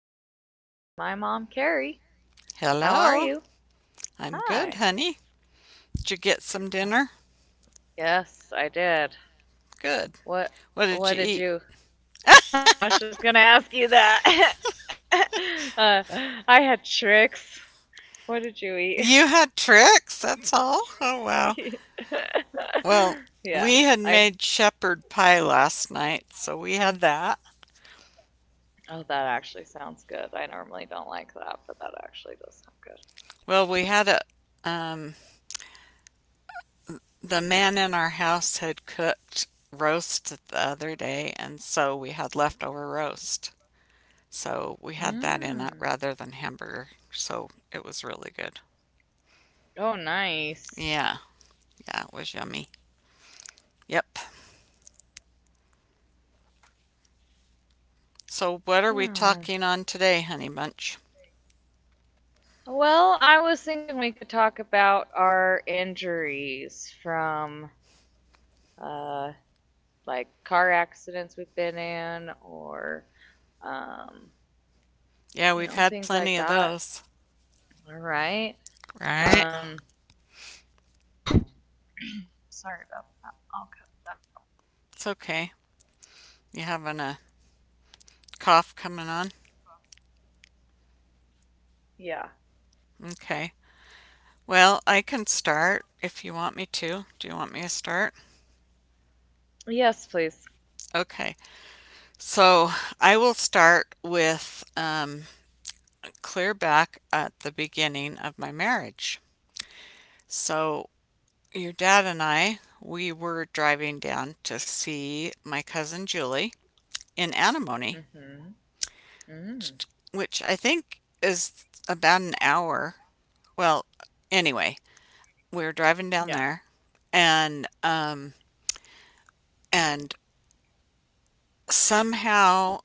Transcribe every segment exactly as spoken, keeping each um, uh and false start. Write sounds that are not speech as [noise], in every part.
Carissa's podcast with my mom, Carrie. Hello. How are you? I'm good, honey. Hi. Did you get some dinner? Yes, I did. Good. What did you What? eat? What did you [laughs] I was just going to ask you that. [laughs] uh, I had tricks. What did you eat? You had tricks, that's all? Oh, wow. [laughs] You had tricks. Well, [laughs] we Yeah. had made I shepherd pie last night, so we had that. Oh, that actually sounds good. I normally don't like that, but that actually does sound Well, we had a, um, the man in our house had cooked roast the other day, and so we had leftover roast. So we good. had that in it Mmm. rather than hamburger. So it was really good. Oh, nice. Yeah, yeah, it was yummy. Yep. So, what are we Wow. talking on today, Honey Bunch? Well, I was thinking we could talk about our injuries from uh like car accidents we've been in, or um Yeah, we've you had know, things plenty of like that. those, All right. right? Um Sorry about that. I'll cut that out later. It's okay. You having a cough coming on? Yeah. Okay. Well, I can start if you want me to. Do you want me to start? Yes, please. Okay. So, I will start with um, clear back at the beginning of my marriage. So, your dad and I, we were driving down to see my cousin Julie in Antimony, Mhm. Mhm. which I think is about an hour. Well, anyway, we were driving down Yeah. there, and um, and somehow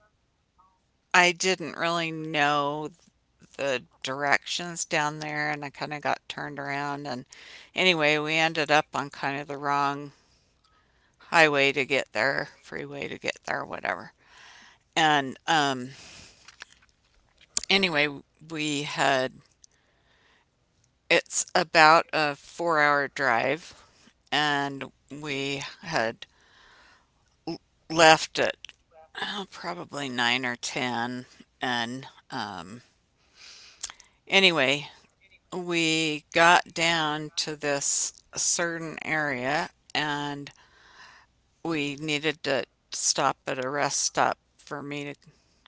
I didn't really know the directions down there, and I kind of got turned around. And anyway, we ended up on kind of the wrong highway to get there, freeway to get there, whatever. And um, anyway, we had it's about a four hour drive, and we had left at uh, probably nine or ten. And um, anyway, we got down to this certain area, and we needed to stop at a rest stop for me to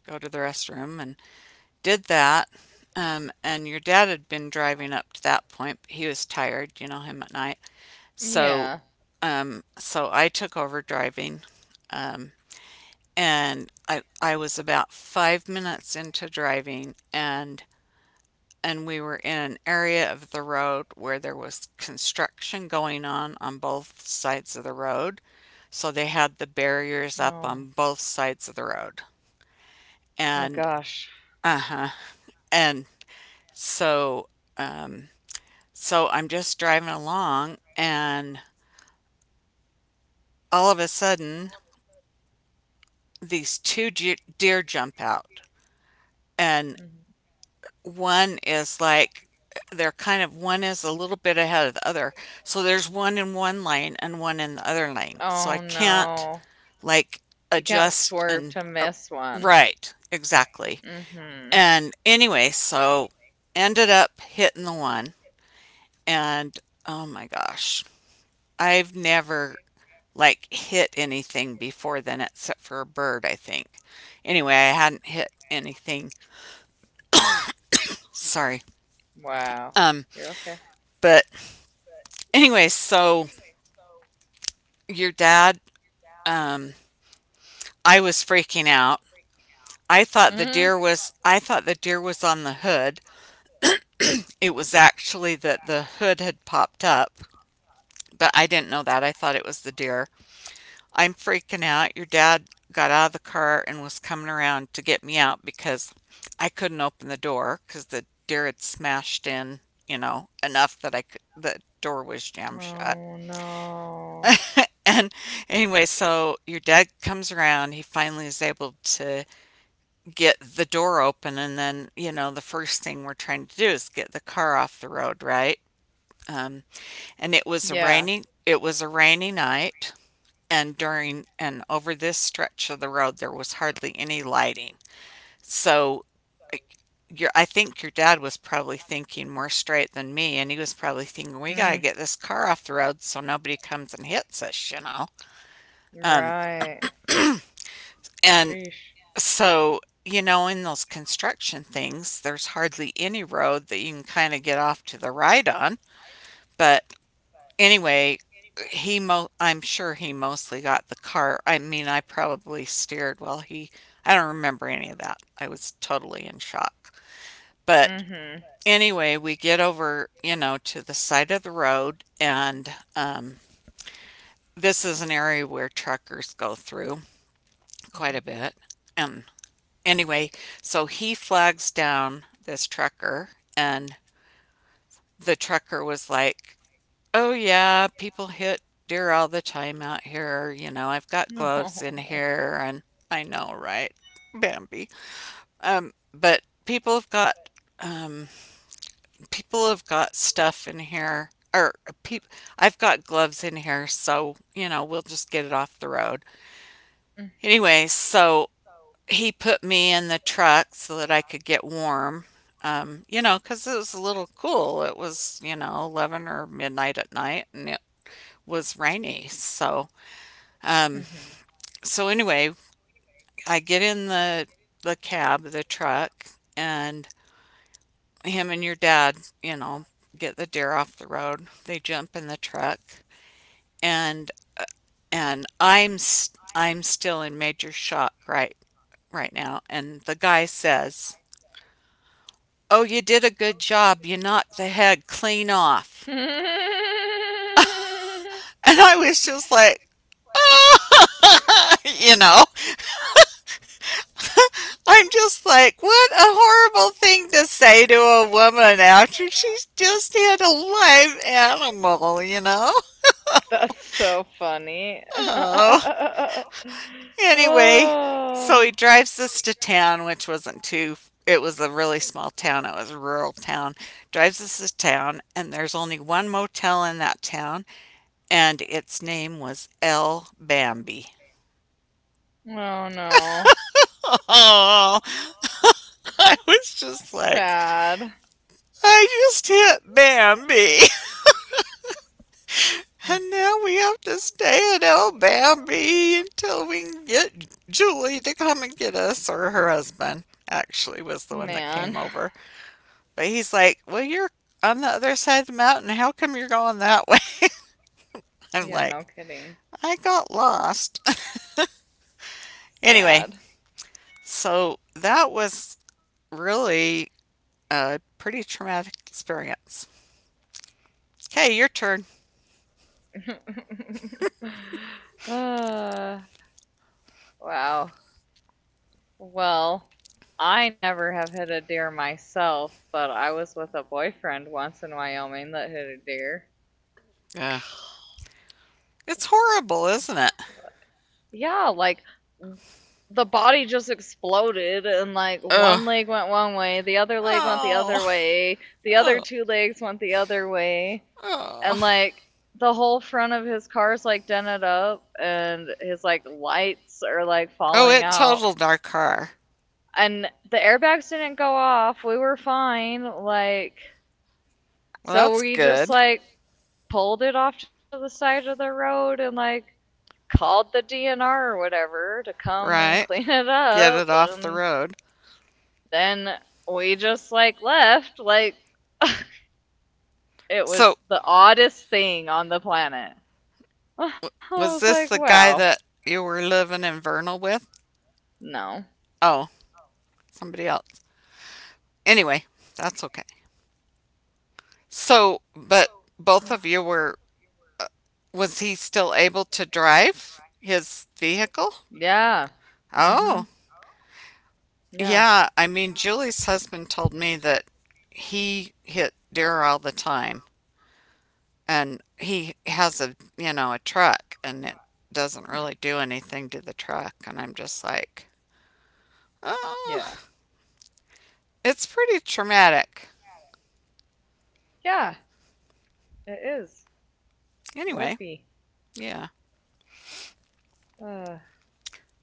go to the restroom, and did that. Um, and your dad had been driving up to that point. But he was tired, you know him at night. So, Yeah. um, so I took over driving, um, and I I was about five minutes into driving, and and we were in an area of the road where there was construction going on on both sides of the road, so they had the barriers up on No. both sides of the road, Oh and gosh. uh huh, and so um, so I'm just So driving I along, kept driving along, and and all of a sudden all of a sudden, these two deer two jump out, deer jumped out. and Mm-hmm. And one one is is like, they're like kind of one they're kind of one is is a a little little bit ahead of the other. bit ahead of the So other. there's one in So one there's lane one and in one one in the lane. other lane. And So I Oh can't no. like You can't adjust, swerve and to uh, miss one. right, exactly. Right. Mm-hmm. And And anyway, so anyway, ended up hitting the one, and oh my gosh. I've never like hit anything before then except for a bird, I think. Anyway, I hadn't hit anything. Sorry. wow. Um, You're okay. but anyway, so your dad, um, I was freaking out. I thought the Mm-hmm. deer was I thought the deer was on the hood. It was actually that the hood had popped up, but I didn't know that. I thought it was the deer. I'm freaking out. Your dad got out of the car and was coming around to get me out because I couldn't open the door cuz the deer had smashed in, you know, enough that I could, the door was jammed shut. Oh no. And anyway, so your dad comes around. He finally is able to get the door open. And then, you know, the first thing we're trying to do is get the car off the road, right? Um, and it was a Yeah. it rainy, it was a rainy night. And during and over this stretch of the road, there was hardly any lighting. So your, I think your dad was probably thinking more straight than me, and he was probably thinking, "We gotta was get this car off the road so nobody comes and hits us," you know. Mm. Right. And Sheesh. So, you know, in those construction things, there's hardly any road that you can kind of get off to the right on. But anyway, he mo I'm sure he mostly got the car. I mean, I probably steered while he I don't remember any of that. I was totally in shock. But And anyway, we get over, you know, to the side of the road, and um this is an area where truckers go through quite a Mm-hmm. bit. And anyway, so he flags down this trucker, and the trucker was like, "Oh, yeah, people hit deer all the time out here. You know, I've got No. gloves in [laughs] here," and I know, right? Bambi. Um, but people have got um, people have got stuff in here, or people. I've got gloves in here, so you know we'll just get it off the road. Anyway, so he put me in the truck so that I could get warm. Um, you know, because it was a little cool. It was, you know, eleven or midnight at night, and it was rainy. So, um, so anyway, I get in the, the cab, the truck, and him and your dad, you know, get the deer off the road. They jump in the truck, and, and I'm, i I'm still in major shock right, right now. And the guy says, "Oh, you did a good job. You knocked the head clean off." [laughs] And I was just like, [laughs] you know, I'm just like, what a horrible thing to say to a woman after she's just had a live animal, you know? That's so funny. [laughs] Oh, anyway, so he Oh. drives us to town, which wasn't too, it was a really small town. It was a rural town. Drives us to town, and there's only one motel in that town, and its name was El Bambi. Oh no. Oh, I was just like, Sad. I just hit Bambi. [laughs] Mm, And now we have to stay at El Bambi until we can get Julie to come and get us, or her husband actually was the one that came man. over. But he's like, "Well, you're on the other side of the mountain. How come you're going that [laughs] way?" I'm Yeah, like, no kidding. I got lost. [laughs] Anyway, Sad. so that was really a pretty traumatic experience. Okay, your turn. [laughs] uh, wow. Well, I never have hit a deer myself, but I was with a boyfriend once in Wyoming that hit a deer. Yeah. It's horrible, isn't it? Yeah, like the body just exploded, and like Ugh. one leg went one way, the other leg went the other Oh. way, the other Oh. two legs went the other way, and Oh. like the whole front of his car's like dented up and his like lights are like Oh, falling it out. totaled our car. And the airbags didn't go off. We were fine. Like, Well, so that's we just good, like pulled it off to the side of the road and like called the D N R or whatever to come and right? clean it Get up, it off the and road. then we just like left. Like, [laughs] it So, was the oddest thing on the planet. [laughs] I was was like, this the wow. guy that you were living in Vernal with? No, Oh, somebody else. Anyway, that's okay. So, but both of [sighs] you were, was he still able to drive his vehicle? yeah, mm-hmm, Oh. yeah. Yeah, I mean, Julie's husband told me that he hit deer all the time, and he has a you know a truck, and it doesn't Hmm. really do anything to the truck, and I'm just like, Yeah, oh, it's pretty traumatic. yeah. It is. It Anyway, would be. yeah. Uh,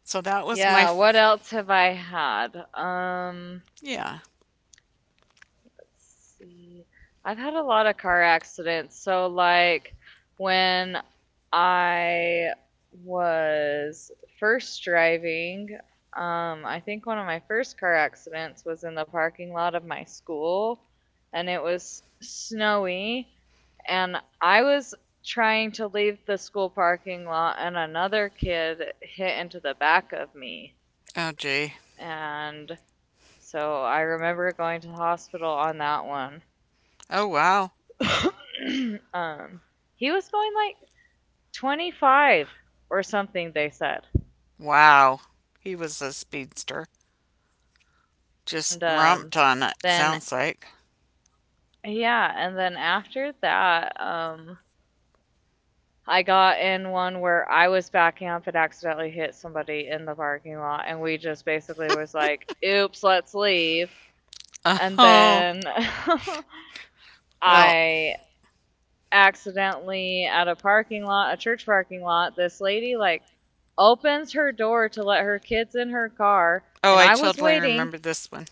So that was my yeah. What f- else have I had? Um. Yeah. Let's see. I've had a lot of car accidents. So, like, when I was first driving, um, I think one of my first car accidents was in the parking lot of my school, and it was snowy, and I was trying to leave the school parking lot, and another kid hit into the back of me. Oh gee. And so I remember going to the hospital on that one. Oh wow. [coughs] [clears throat] um, he was going like twenty-five or something, they said. [laughs] Wow. He was a speedster. and um, Just romped on then, it. Sounds like. yeah, and then after that, um, I got in one where I was backing up and accidentally hit somebody in the parking lot, and we just basically was like, oops, let's leave. And [laughs] Oh then [laughs] well. I accidentally at a parking lot, a church parking lot, this lady like opens her door to let her kids in her car, Oh, and I I was totally waiting. remember this one.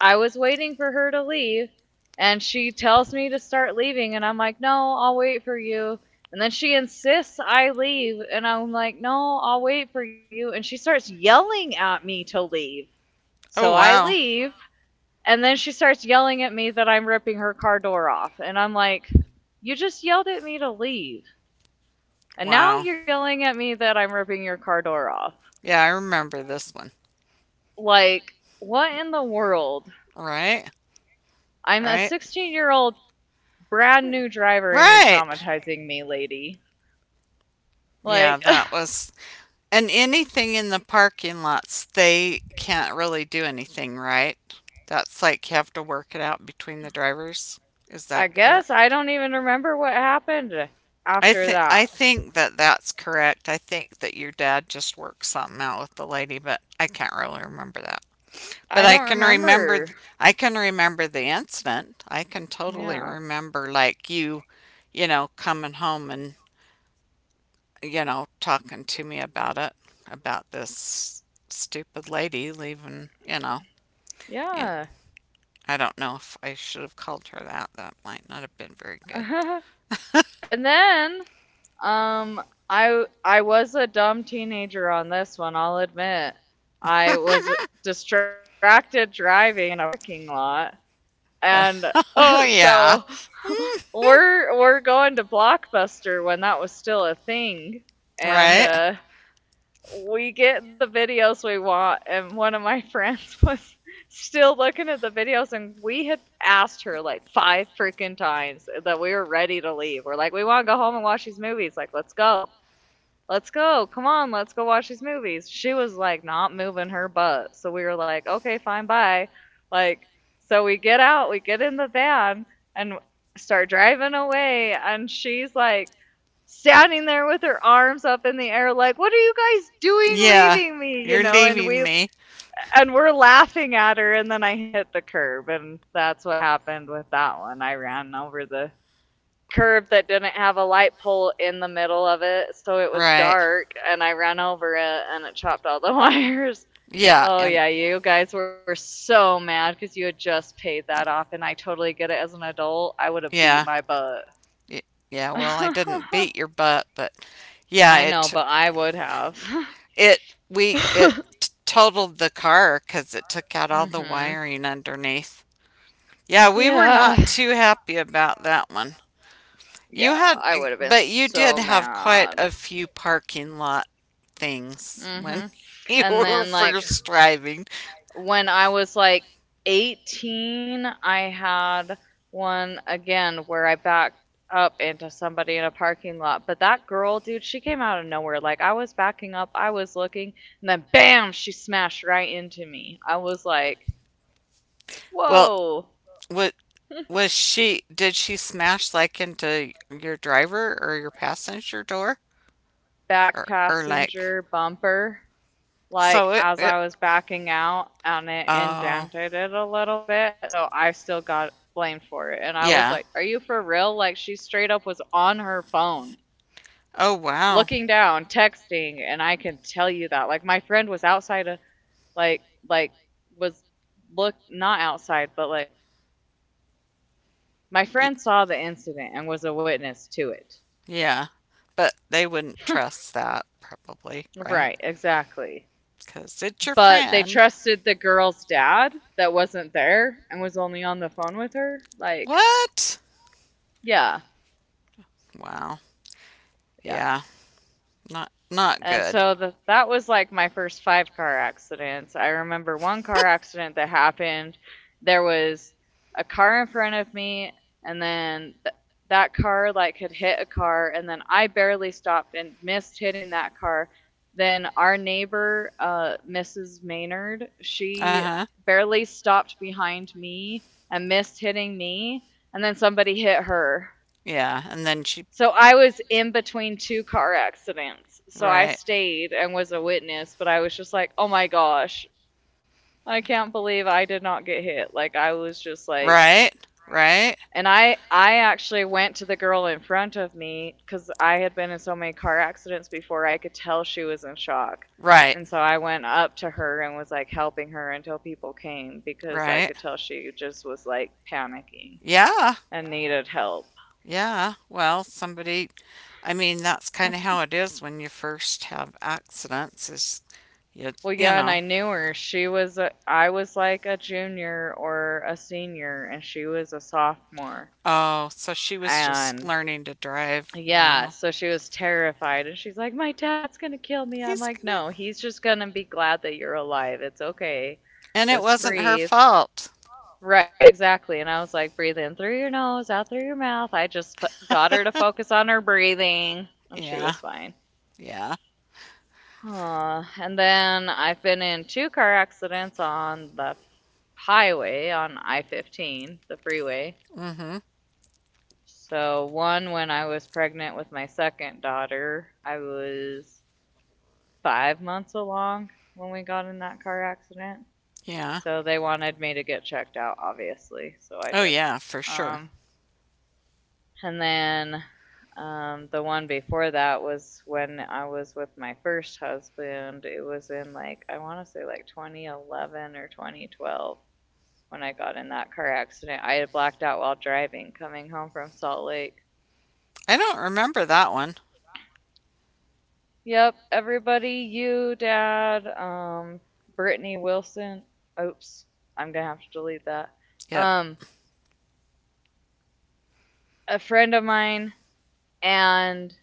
I was waiting for her to leave, and she tells me to start leaving, and I'm like, "No, I'll wait for you." And then she insists I leave, and I'm like, "No, I'll wait for you." And she starts yelling at me to leave. So Oh, I wow. leave, and then she starts yelling at me that I'm ripping her car door off, and I'm like, "You just yelled at me to leave." And now Wow. you're yelling at me that I'm ripping your car door off. Yeah, I remember this one. Like, what in the world? Right? I'm a Right? sixteen-year-old brand new driver and you're Right! traumatizing me, lady. Like, Yeah, that was. And anything in the parking lots, they can't really do anything, right? That's like, you have to work it out between the drivers. Is [laughs] I that guess I correct? don't even remember what happened I after think I that. think that that's correct. I think that your dad just worked something out with the lady, but I can't really remember that. But I I don't can remember remember. I can remember the incident. I can totally Yeah. remember like you, you know, coming home, and you know, talking to me about it, about this stupid lady leaving, you know. And Yeah. I don't know if I should have called her that. That might not have been very good. [laughs] And then, um, I I was a dumb teenager on this one. I'll admit, I was distracted driving in a parking lot, Uh, and [laughs] [laughs] oh yeah. so [laughs] Mm, we're we're going to Blockbuster when that was still a thing, and right. uh, we get the videos we want, and one of my [laughs] friends was still looking at the videos, and we had asked her like five freaking times that we were ready to leave. We're like, we want to go home and watch these movies, like, let's go, let's go. Come on, let's go watch these movies. She was like not moving her butt. So we were like, okay, fine, bye. Like, so we get out, we get in the van and start driving away. And she's like standing there with her arms up in the air, like, what are you guys doing Yeah. leaving me? You You're know, and leaving we, me. and we're laughing at her. And then I hit the curb. And that's what happened with that one. I ran over the curb that didn't have a light pole in the middle of it, so it was Right. dark, and I ran over it and it chopped all the [laughs] wires. [laughs] Yeah, Oh and yeah, you guys were so mad because you had just paid that off, and I totally get it. As an adult, I would have beat yeah, my butt. y- yeah. Well, I [laughs] didn't beat your butt, but yeah, I know, it but I would have. it we it [laughs] t- totaled the car because it took out all the Hmm. wiring underneath. Yeah, we were Yeah, not, wow, too happy about that one. You yeah, had, I would have been but you did so have quite a mad. few parking lot things when Hmm. [laughs] you And were then like first driving. when I was like eighteen, I had one again where I backed up into somebody in a parking lot. But that girl, dude, she came out of nowhere. Like, I was backing up, I was looking, and then bam, she smashed right into me. I was like, Well, whoa. what [laughs] was she? Did she smash like into your driver or your passenger door, Back or or like? passenger bumper. Like, So it, as it I was backing out, and it Oh indented it a little bit, so I still got blamed for it. And I was yeah. like, are you for real? Like, she straight up was on her phone, Oh, wow. looking down, texting, and I can tell you that. Like, my friend was outside of like like was look not outside, but like my Y- friend saw the incident and was a witness to it. yeah, but they wouldn't trust that, probably, [laughs] right, Right, exactly. because it's your But they friend. trusted the girl's dad that wasn't there and was only on the phone with her. Like, What? yeah, Wow. yeah. Yeah. Not not And good. so, the, that was like my first five car accidents. I remember one car accident that happened. There was a car in front of me, and then th- that car like had hit a car, and then I barely stopped and missed hitting that car. Then our neighbor, uh, Missus Maynard, she Uh-huh. barely stopped behind me and missed hitting me, and then somebody hit her. Yeah, and then she So I was in between two car accidents. So I right. stayed and was a witness, but I was just like, oh my gosh, I can't believe I did not get hit. Like, I was just like, Right. Right. and I I actually went to the girl in front of me cuz I had been in so many car accidents before. I could tell she was in shock. Right. And so I went up to her and was like helping her until people came because I Right. could tell she just was like panicking Yeah. and needed help. Yeah. Well, somebody, I mean, that's kind of [laughs] how it is when you first have accidents is you Well, you yeah, and know. I knew her. She was a, I was like a junior or a senior, and she was a sophomore. Oh, so she was just And learning to drive. yeah, Wow. so she was terrified, and she's like, "My dad's gonna kill me." I'm He's like, gonna. "No, he's just gonna be glad that you're alive. It's okay. And it Just wasn't her breathe." fault. Right, exactly. And I was like, "Breathe in through your nose, out through your mouth." I just put, got her to focus on her [laughs] breathing, and she Yeah. was fine. Yeah. Uh, and then I've been in two car accidents on the highway on I fifteen, the freeway. Mhm. So, one when I was pregnant with my second daughter, I was five months along when we got in that car accident. Yeah. So, they wanted me to get checked out, obviously. So, I Oh did. yeah, for sure. Um, And then um, the one before that was when I was with my first husband. It was in like, I want to say like twenty eleven or twenty twelve when I got in that car accident. I had blacked out while driving coming home from Salt Lake. I don't remember that one. Yep, everybody, you, Dad, um, Brittany Wilson. Oops, I'm gonna have to delete that. Yep. Um, a friend of mine and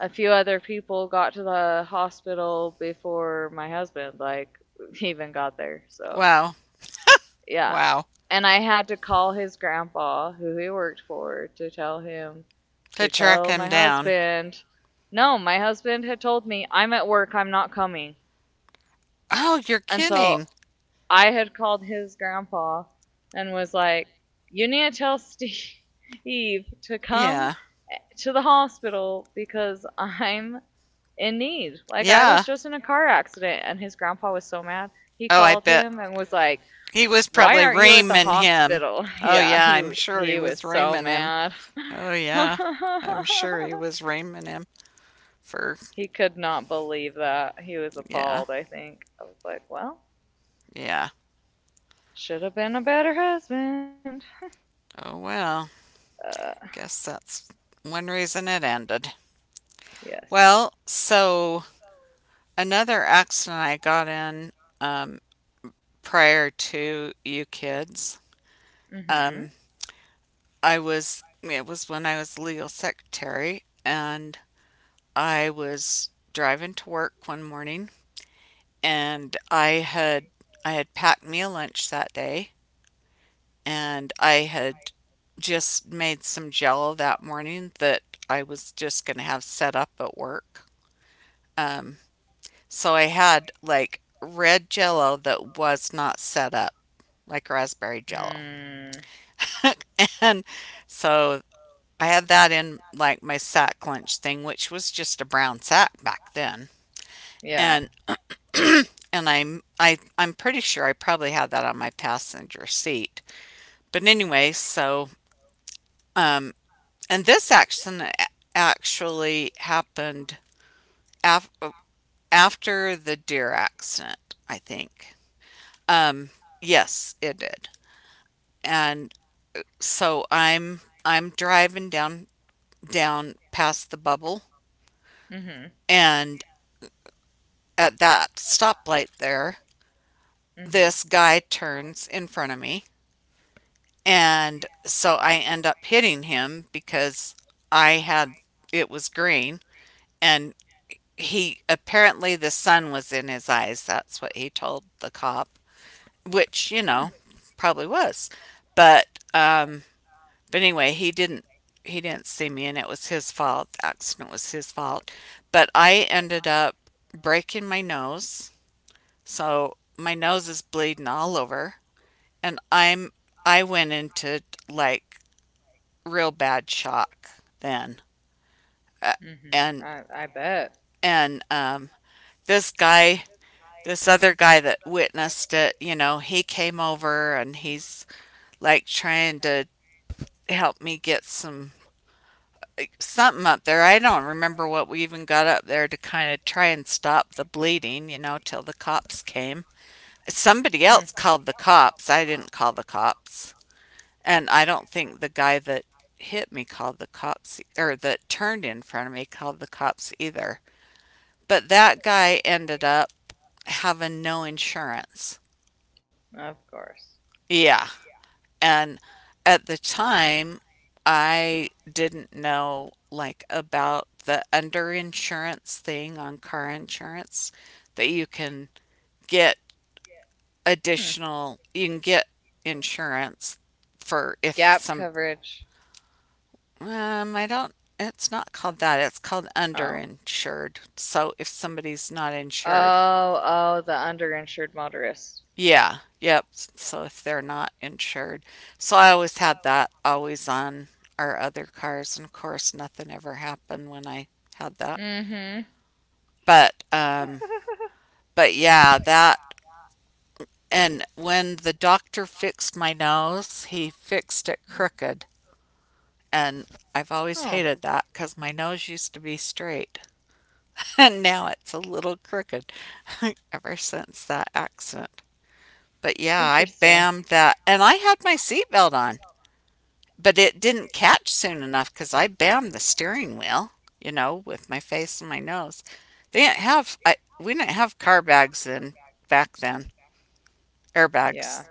a few other people got to the hospital before my husband like [laughs] even got there. So Wow. yeah, Wow. and I had to call his grandpa, who he worked for, to tell him To to track tell my him down. husband. No, my husband had told me I'm at work, I'm not coming, Oh, you're and so kidding. I had called his grandpa and was like, "You need to tell [laughs] Steve to come Yeah. to the hospital because [laughs] I'm in need. Like I Yeah. was just in a car accident," and his grandpa was so mad. He Oh, I called bet. him and was like, He was "Why probably aren't you at the reaming him. hospital?" [laughs] Oh, Yeah, yeah, I'm he sure he he was was so reaming him. mad. [laughs] Oh, yeah. I'm sure he was reaming him for, He could not believe that. He was yeah, appalled, I think. I was like, "Well, yeah. should have been a better husband." Oh, well, Uh, guess that's one reason it ended. yes. Well, so another accident I got in, um, prior to you kids. Mhm. Um, I was it was when I was legal secretary, and I was driving to work one morning, and I had I had packed me a lunch that day, and I had just made some jello that morning that I was just going to have set up at work. Um, so I had like red jello that was not set up, like raspberry jello. [laughs] Mm. And so I had that in like my sack lunch thing, which was just a brown sack back then. And Yeah. and I'm I I'm pretty sure I probably had that on my passenger seat. But anyway, so um and this accident actually happened af- after the deer accident, I think. Um yes, it did. And so I'm I'm driving down down past the bubble Mhm. and at that stoplight there Mhm. this guy turns in front of me. And so I end up hitting him because I had it was green and he apparently the sun was in his eyes. That's what he told the cop, which, you Hmm. know, probably was. But um but anyway, he didn't he didn't see me and it was his fault. The accident was his fault. But I ended up breaking my nose. So my nose is bleeding all over. And I'm I went into like real bad shock then, uh, Mhm. I and I bet. and um, this guy, this other guy that witnessed it, you know, he came over and he's like trying to help me get some like, something up there. I don't remember what we even got up there to kind of try and stop the bleeding, you know, till the cops came. Somebody Hmm. else called the cops. I didn't call the cops. And I don't think the guy that hit me called the cops or that turned in front of me called the cops either. But that guy ended up having no insurance. Of course. Yeah. And at the time, I didn't know like about the underinsurance thing on car insurance that you can get Hmm. additional you can get insurance for if Gap some. coverage. Um, I don't, it's not called that. It's called Oh. underinsured. So if somebody's not insured, Oh, oh, the underinsured motorist. yeah, yep. So if they're not insured, so I always had that always on our other cars, and of course, nothing ever happened when I had that. Mhm. But, um, but yeah, that. And when the doctor fixed my nose, he fixed it crooked. And I've always hated Oh, that because my nose used to be straight. [laughs] And now it's a little crooked [laughs] ever since that accident. But yeah, I interesting. bammed that. And I had my seatbelt on, but it didn't catch soon enough because I bammed the steering wheel, you know, with my face and my nose. They didn't have, I, we didn't have car bags then, back then, Yeah. airbags.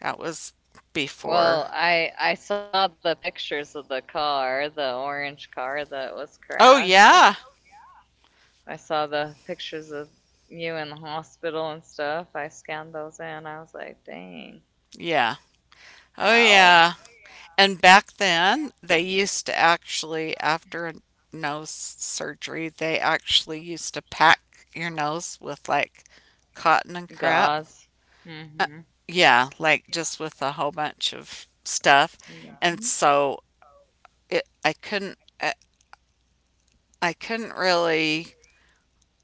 That was before. Well, I I saw the pictures of the car, the orange car that was Oh, crashed, and yeah. I saw the pictures of you in the hospital and stuff. I scanned those in. I was like, dang. Yeah. Oh, Ow. yeah. And back then, they used to actually, after a nose surgery, they actually used to pack your nose with like cotton and crap. Gauze. Uh, Mm-hmm. yeah, like just with a whole bunch of stuff. And Mhm. so it, I couldn't, I, I couldn't really,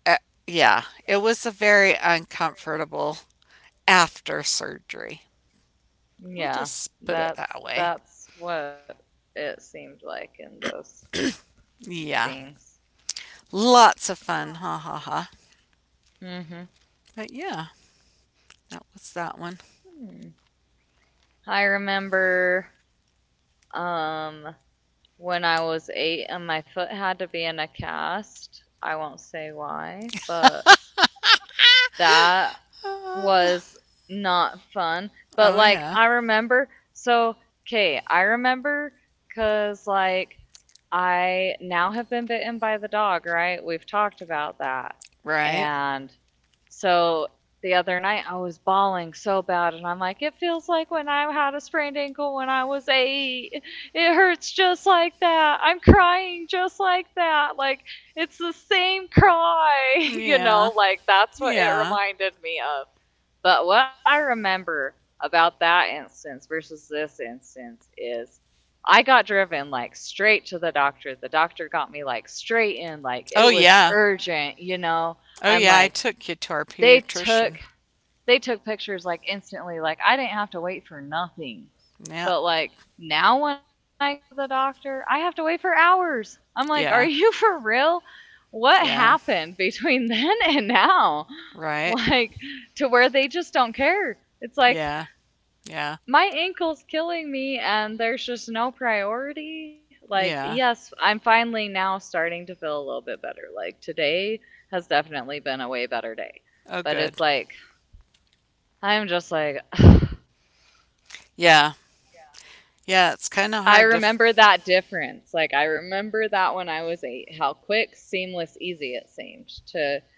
uh, yeah, it was a very uncomfortable after surgery. We'll Yeah. just put it that That's way. that's what it seemed like in those Yeah, things. lots of fun. Ha ha ha. Mm-hmm. But yeah, that was that one. Hmm. I remember um when I was eight and my foot had to be in a cast. I won't say why, but that Uh, was not fun. But oh like yeah, I remember so okay, I remember cuz like I now have been bitten by the dog, right? We've talked about that. right. And so the other night I was bawling so bad and I'm like, it feels like when I had a sprained ankle when I was eight. It hurts just like that. I'm crying just like that. Like it's the same cry, [laughs] The same cry. you Yeah, I'm like, know, like that's what it yeah. reminded me of. But what I remember about that instance versus this instance is I got driven like straight to the doctor. The doctor got me like straight in, like Oh it was yeah, urgent, you know. oh And yeah. I like took you to our they pediatrician. took they took pictures like instantly. Like I didn't have to wait for nothing. Yep. But like now when I go to the doctor, I have to wait for hours. I'm like, Yeah, are you [laughs] for real? What yeah. happened between [laughs] then and now? Right. Like to where they just don't care. It's like Yeah, yeah, my ankle's killing me and there's just no priority like yeah. yes, I'm finally now starting to feel a little bit better like today has definitely been a way better day, Oh but good. it's like I'm just like [sighs] yeah, yeah. Yeah, yeah. It's kind of I hard to. F- remember that difference, like I remember that when I was eight how quick, seamless, easy it seemed to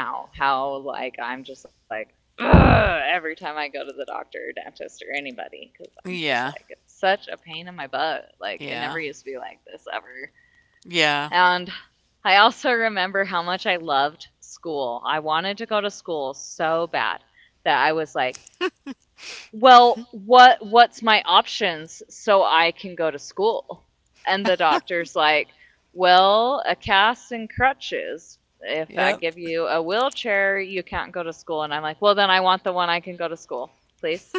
now how like I'm just like "Ugh," every time I go to the doctor or dentist or anybody because I'm just Yeah, like it's such a pain in my butt. Like it never yeah, used to be like this ever. yeah. And I also remember how much I loved school. I wanted to go to school so bad that I was like, well, what what's my options so I can go to school, and the doctor's like, well, a cast and crutches, if I Yep, give you a wheelchair you can't go to school, and I'm like, well then I want the one I can go to school, please,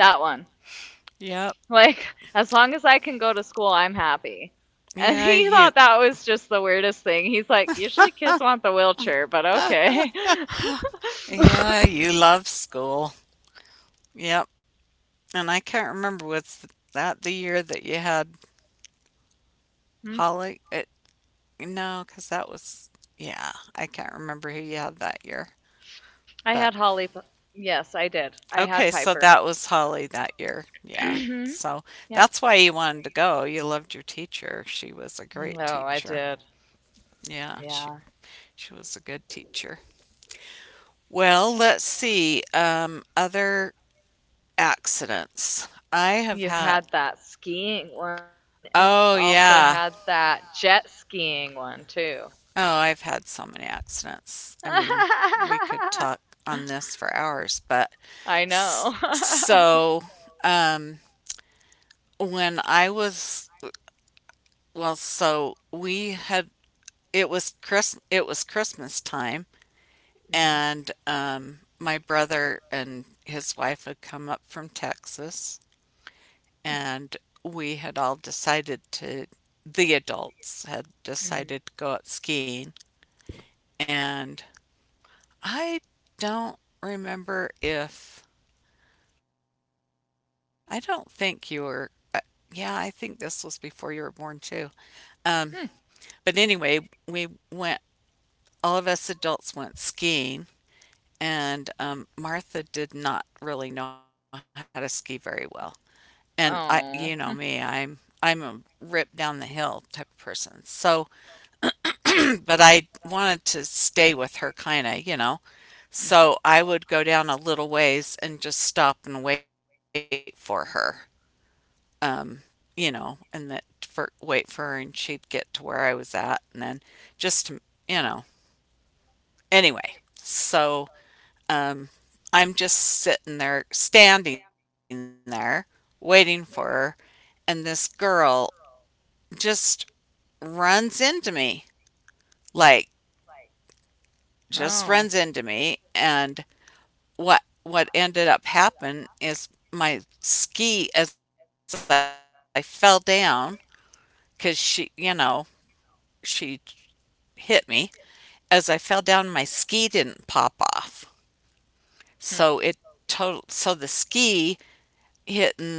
that one. yep. [laughs] Like as long as I can go to school I'm happy, and Yeah, he [laughs] you thought that was just the weirdest thing. He's like, usually kids want the wheelchair, but [laughs] okay. Yeah, you love school. Yep. And I can't remember was that the year that you had [laughs] [laughs] Holly? It, no, 'cause that was yeah, I can't remember who you had that year. I But had Holly. Yes, I did. I okay, had so Piper. that was Holly that year. [clears throat] Yeah. Yep. So that's why you wanted to go. You loved your teacher. She was a great No, I teacher. did. Yeah, she Yeah. she was a good teacher. Well, let's see. Um, other accidents. I have You had. had that skiing one, and you Oh, also had yeah. that jet skiing one, too. Oh, I've had so many accidents. [laughs] I mean, we could I talk on this for hours, but know. s- [laughs] so um when I was well, so we had it was Chris it was Christmas time Mm-hmm. and um my brother and his wife had come up from Texas and we had all decided to the adults had Mm-hmm. decided to go up skiing and I don't remember if I don't think you were uh, yeah, I think this was before you were born too. Um, but Mm. anyway, we went all of us adults went skiing and um, Martha did not really know how to ski very well. And I you know Oh. me, I'm I'm a rip down the hill type of person. So, but I wanted to stay with her kind of, you know. Mm-hmm. So I would go down a little ways and just stop and wait for her, um, you know, and that for wait for her, and she'd get to where I was at, and then just to, you know, anyway. So um, I'm just sitting there, standing there, waiting for her, and this girl just runs into me, like just Oh. runs into me, and what what ended up happening is my ski as I fell down cuz she, you know, she hit me. As I fell down, my ski didn't pop off. Hmm. So it total so the ski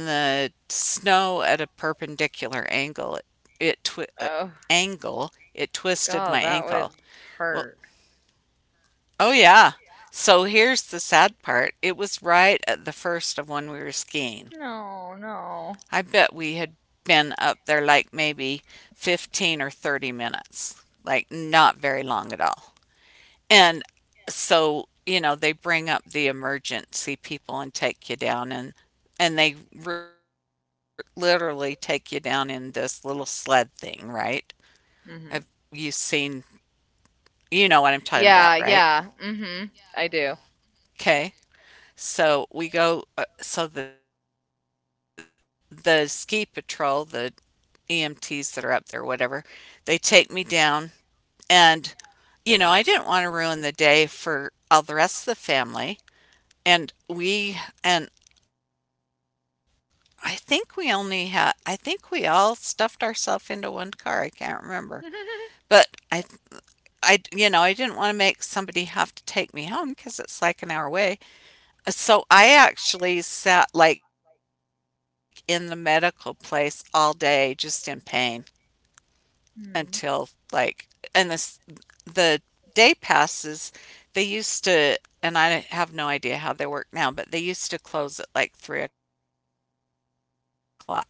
hitting the snow at a perpendicular angle. It, Oh, it twi- uh, angle, God, it that would twisted my ankle. hurt. Well, oh yeah. So here's the sad part. It was right at the first of when we were No, skiing. no. I bet we had been up there like maybe fifteen or thirty minutes, like not very long at all. And so, you know, they bring up the emergency people and take you down and and they r- literally take you down in this little sled thing, right? Have Hmm. you seen, you know what I'm Yeah, talking about, yeah. right? Mhm. I do. Okay. So we go, uh, so the, the ski patrol, the E M Ts that are up there, whatever, they take me down. And, you know, I didn't want to ruin the day for all the rest of the family. And we, and I think we only had, I think we all stuffed ourselves into one car. I can't remember. But [laughs] I, I, you know, I didn't want to make somebody have to take me home because it's like an hour away. So I actually sat like in the medical place all day just in pain Hmm. until like, and this the day passes, they used to, and I have no idea how they work now, but they used to close at like three o'clock. So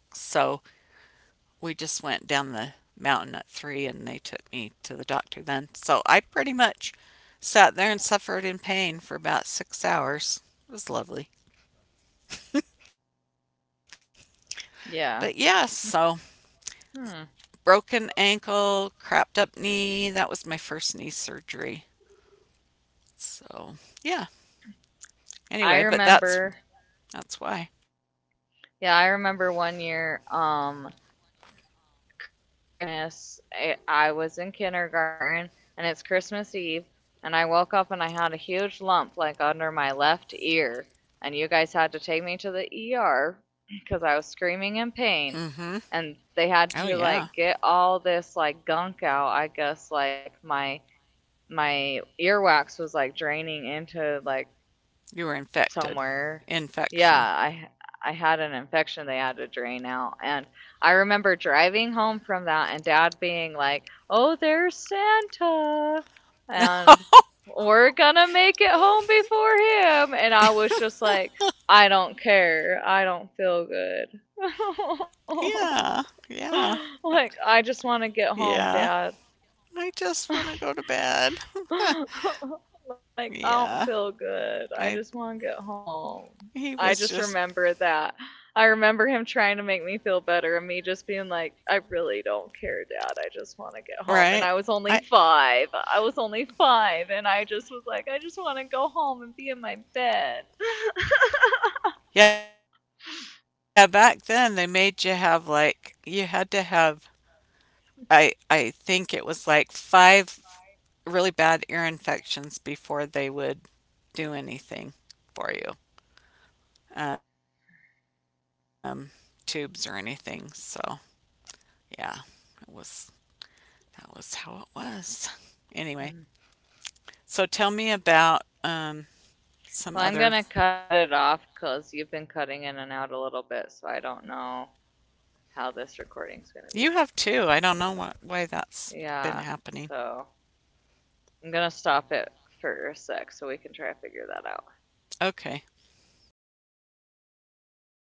we just went down the mountain at three and they took me to the doctor then. So I pretty much sat there and suffered in pain for about six hours. It was lovely. But yeah, Yeah. so Hmm. broken ankle, crapped up knee. That was my first knee surgery. So yeah. I Anyway, but remember. that's that's why. Yeah, I remember one year um Christmas. I, I was in kindergarten and it's Christmas Eve and I woke up and I had a huge lump like under my left ear and you guys had to take me to the E R cuz [clears throat] I was screaming in Mm-hmm. pain and Oh, they had yeah. to like get all this like gunk out, I guess, like my my earwax was like draining into like You were somewhere. infected. Yeah, I Infection. I had an infection they had to drain out, and I remember driving home from that and dad being like, "Oh, there's Santa." And [laughs] we're gonna make it home before him. And I was just like, I don't care. I don't feel Oh good. yeah. Yeah. [laughs] Like, I just want to Yeah. get home, Dad. I just want to [laughs] go to bed. [laughs] Like I don't [laughs] feel Yeah. good. I just want to get I home. I just He remember was that. just I remember him trying to make me feel better and me just being like, I really don't care, dad. I just want to get home. And I was only right. five. I I was only five and I just was like, I just want to go home and be in my bed. Yeah, back then they made you have like you had to have I I think it was like five really bad ear infections before they would do anything for you. Um Tubes or anything. So yeah, it was that was how it was. Anyway, so tell me about [laughs] Well, um, I'm going to cut it some off other. cuz you've been cutting in and out a little bit, so I don't know how this recording's going to You be. have too. I don't know what why that's Yeah. been So, happening. I'm gonna stop it for a sec so we can try to figure that out. Okay.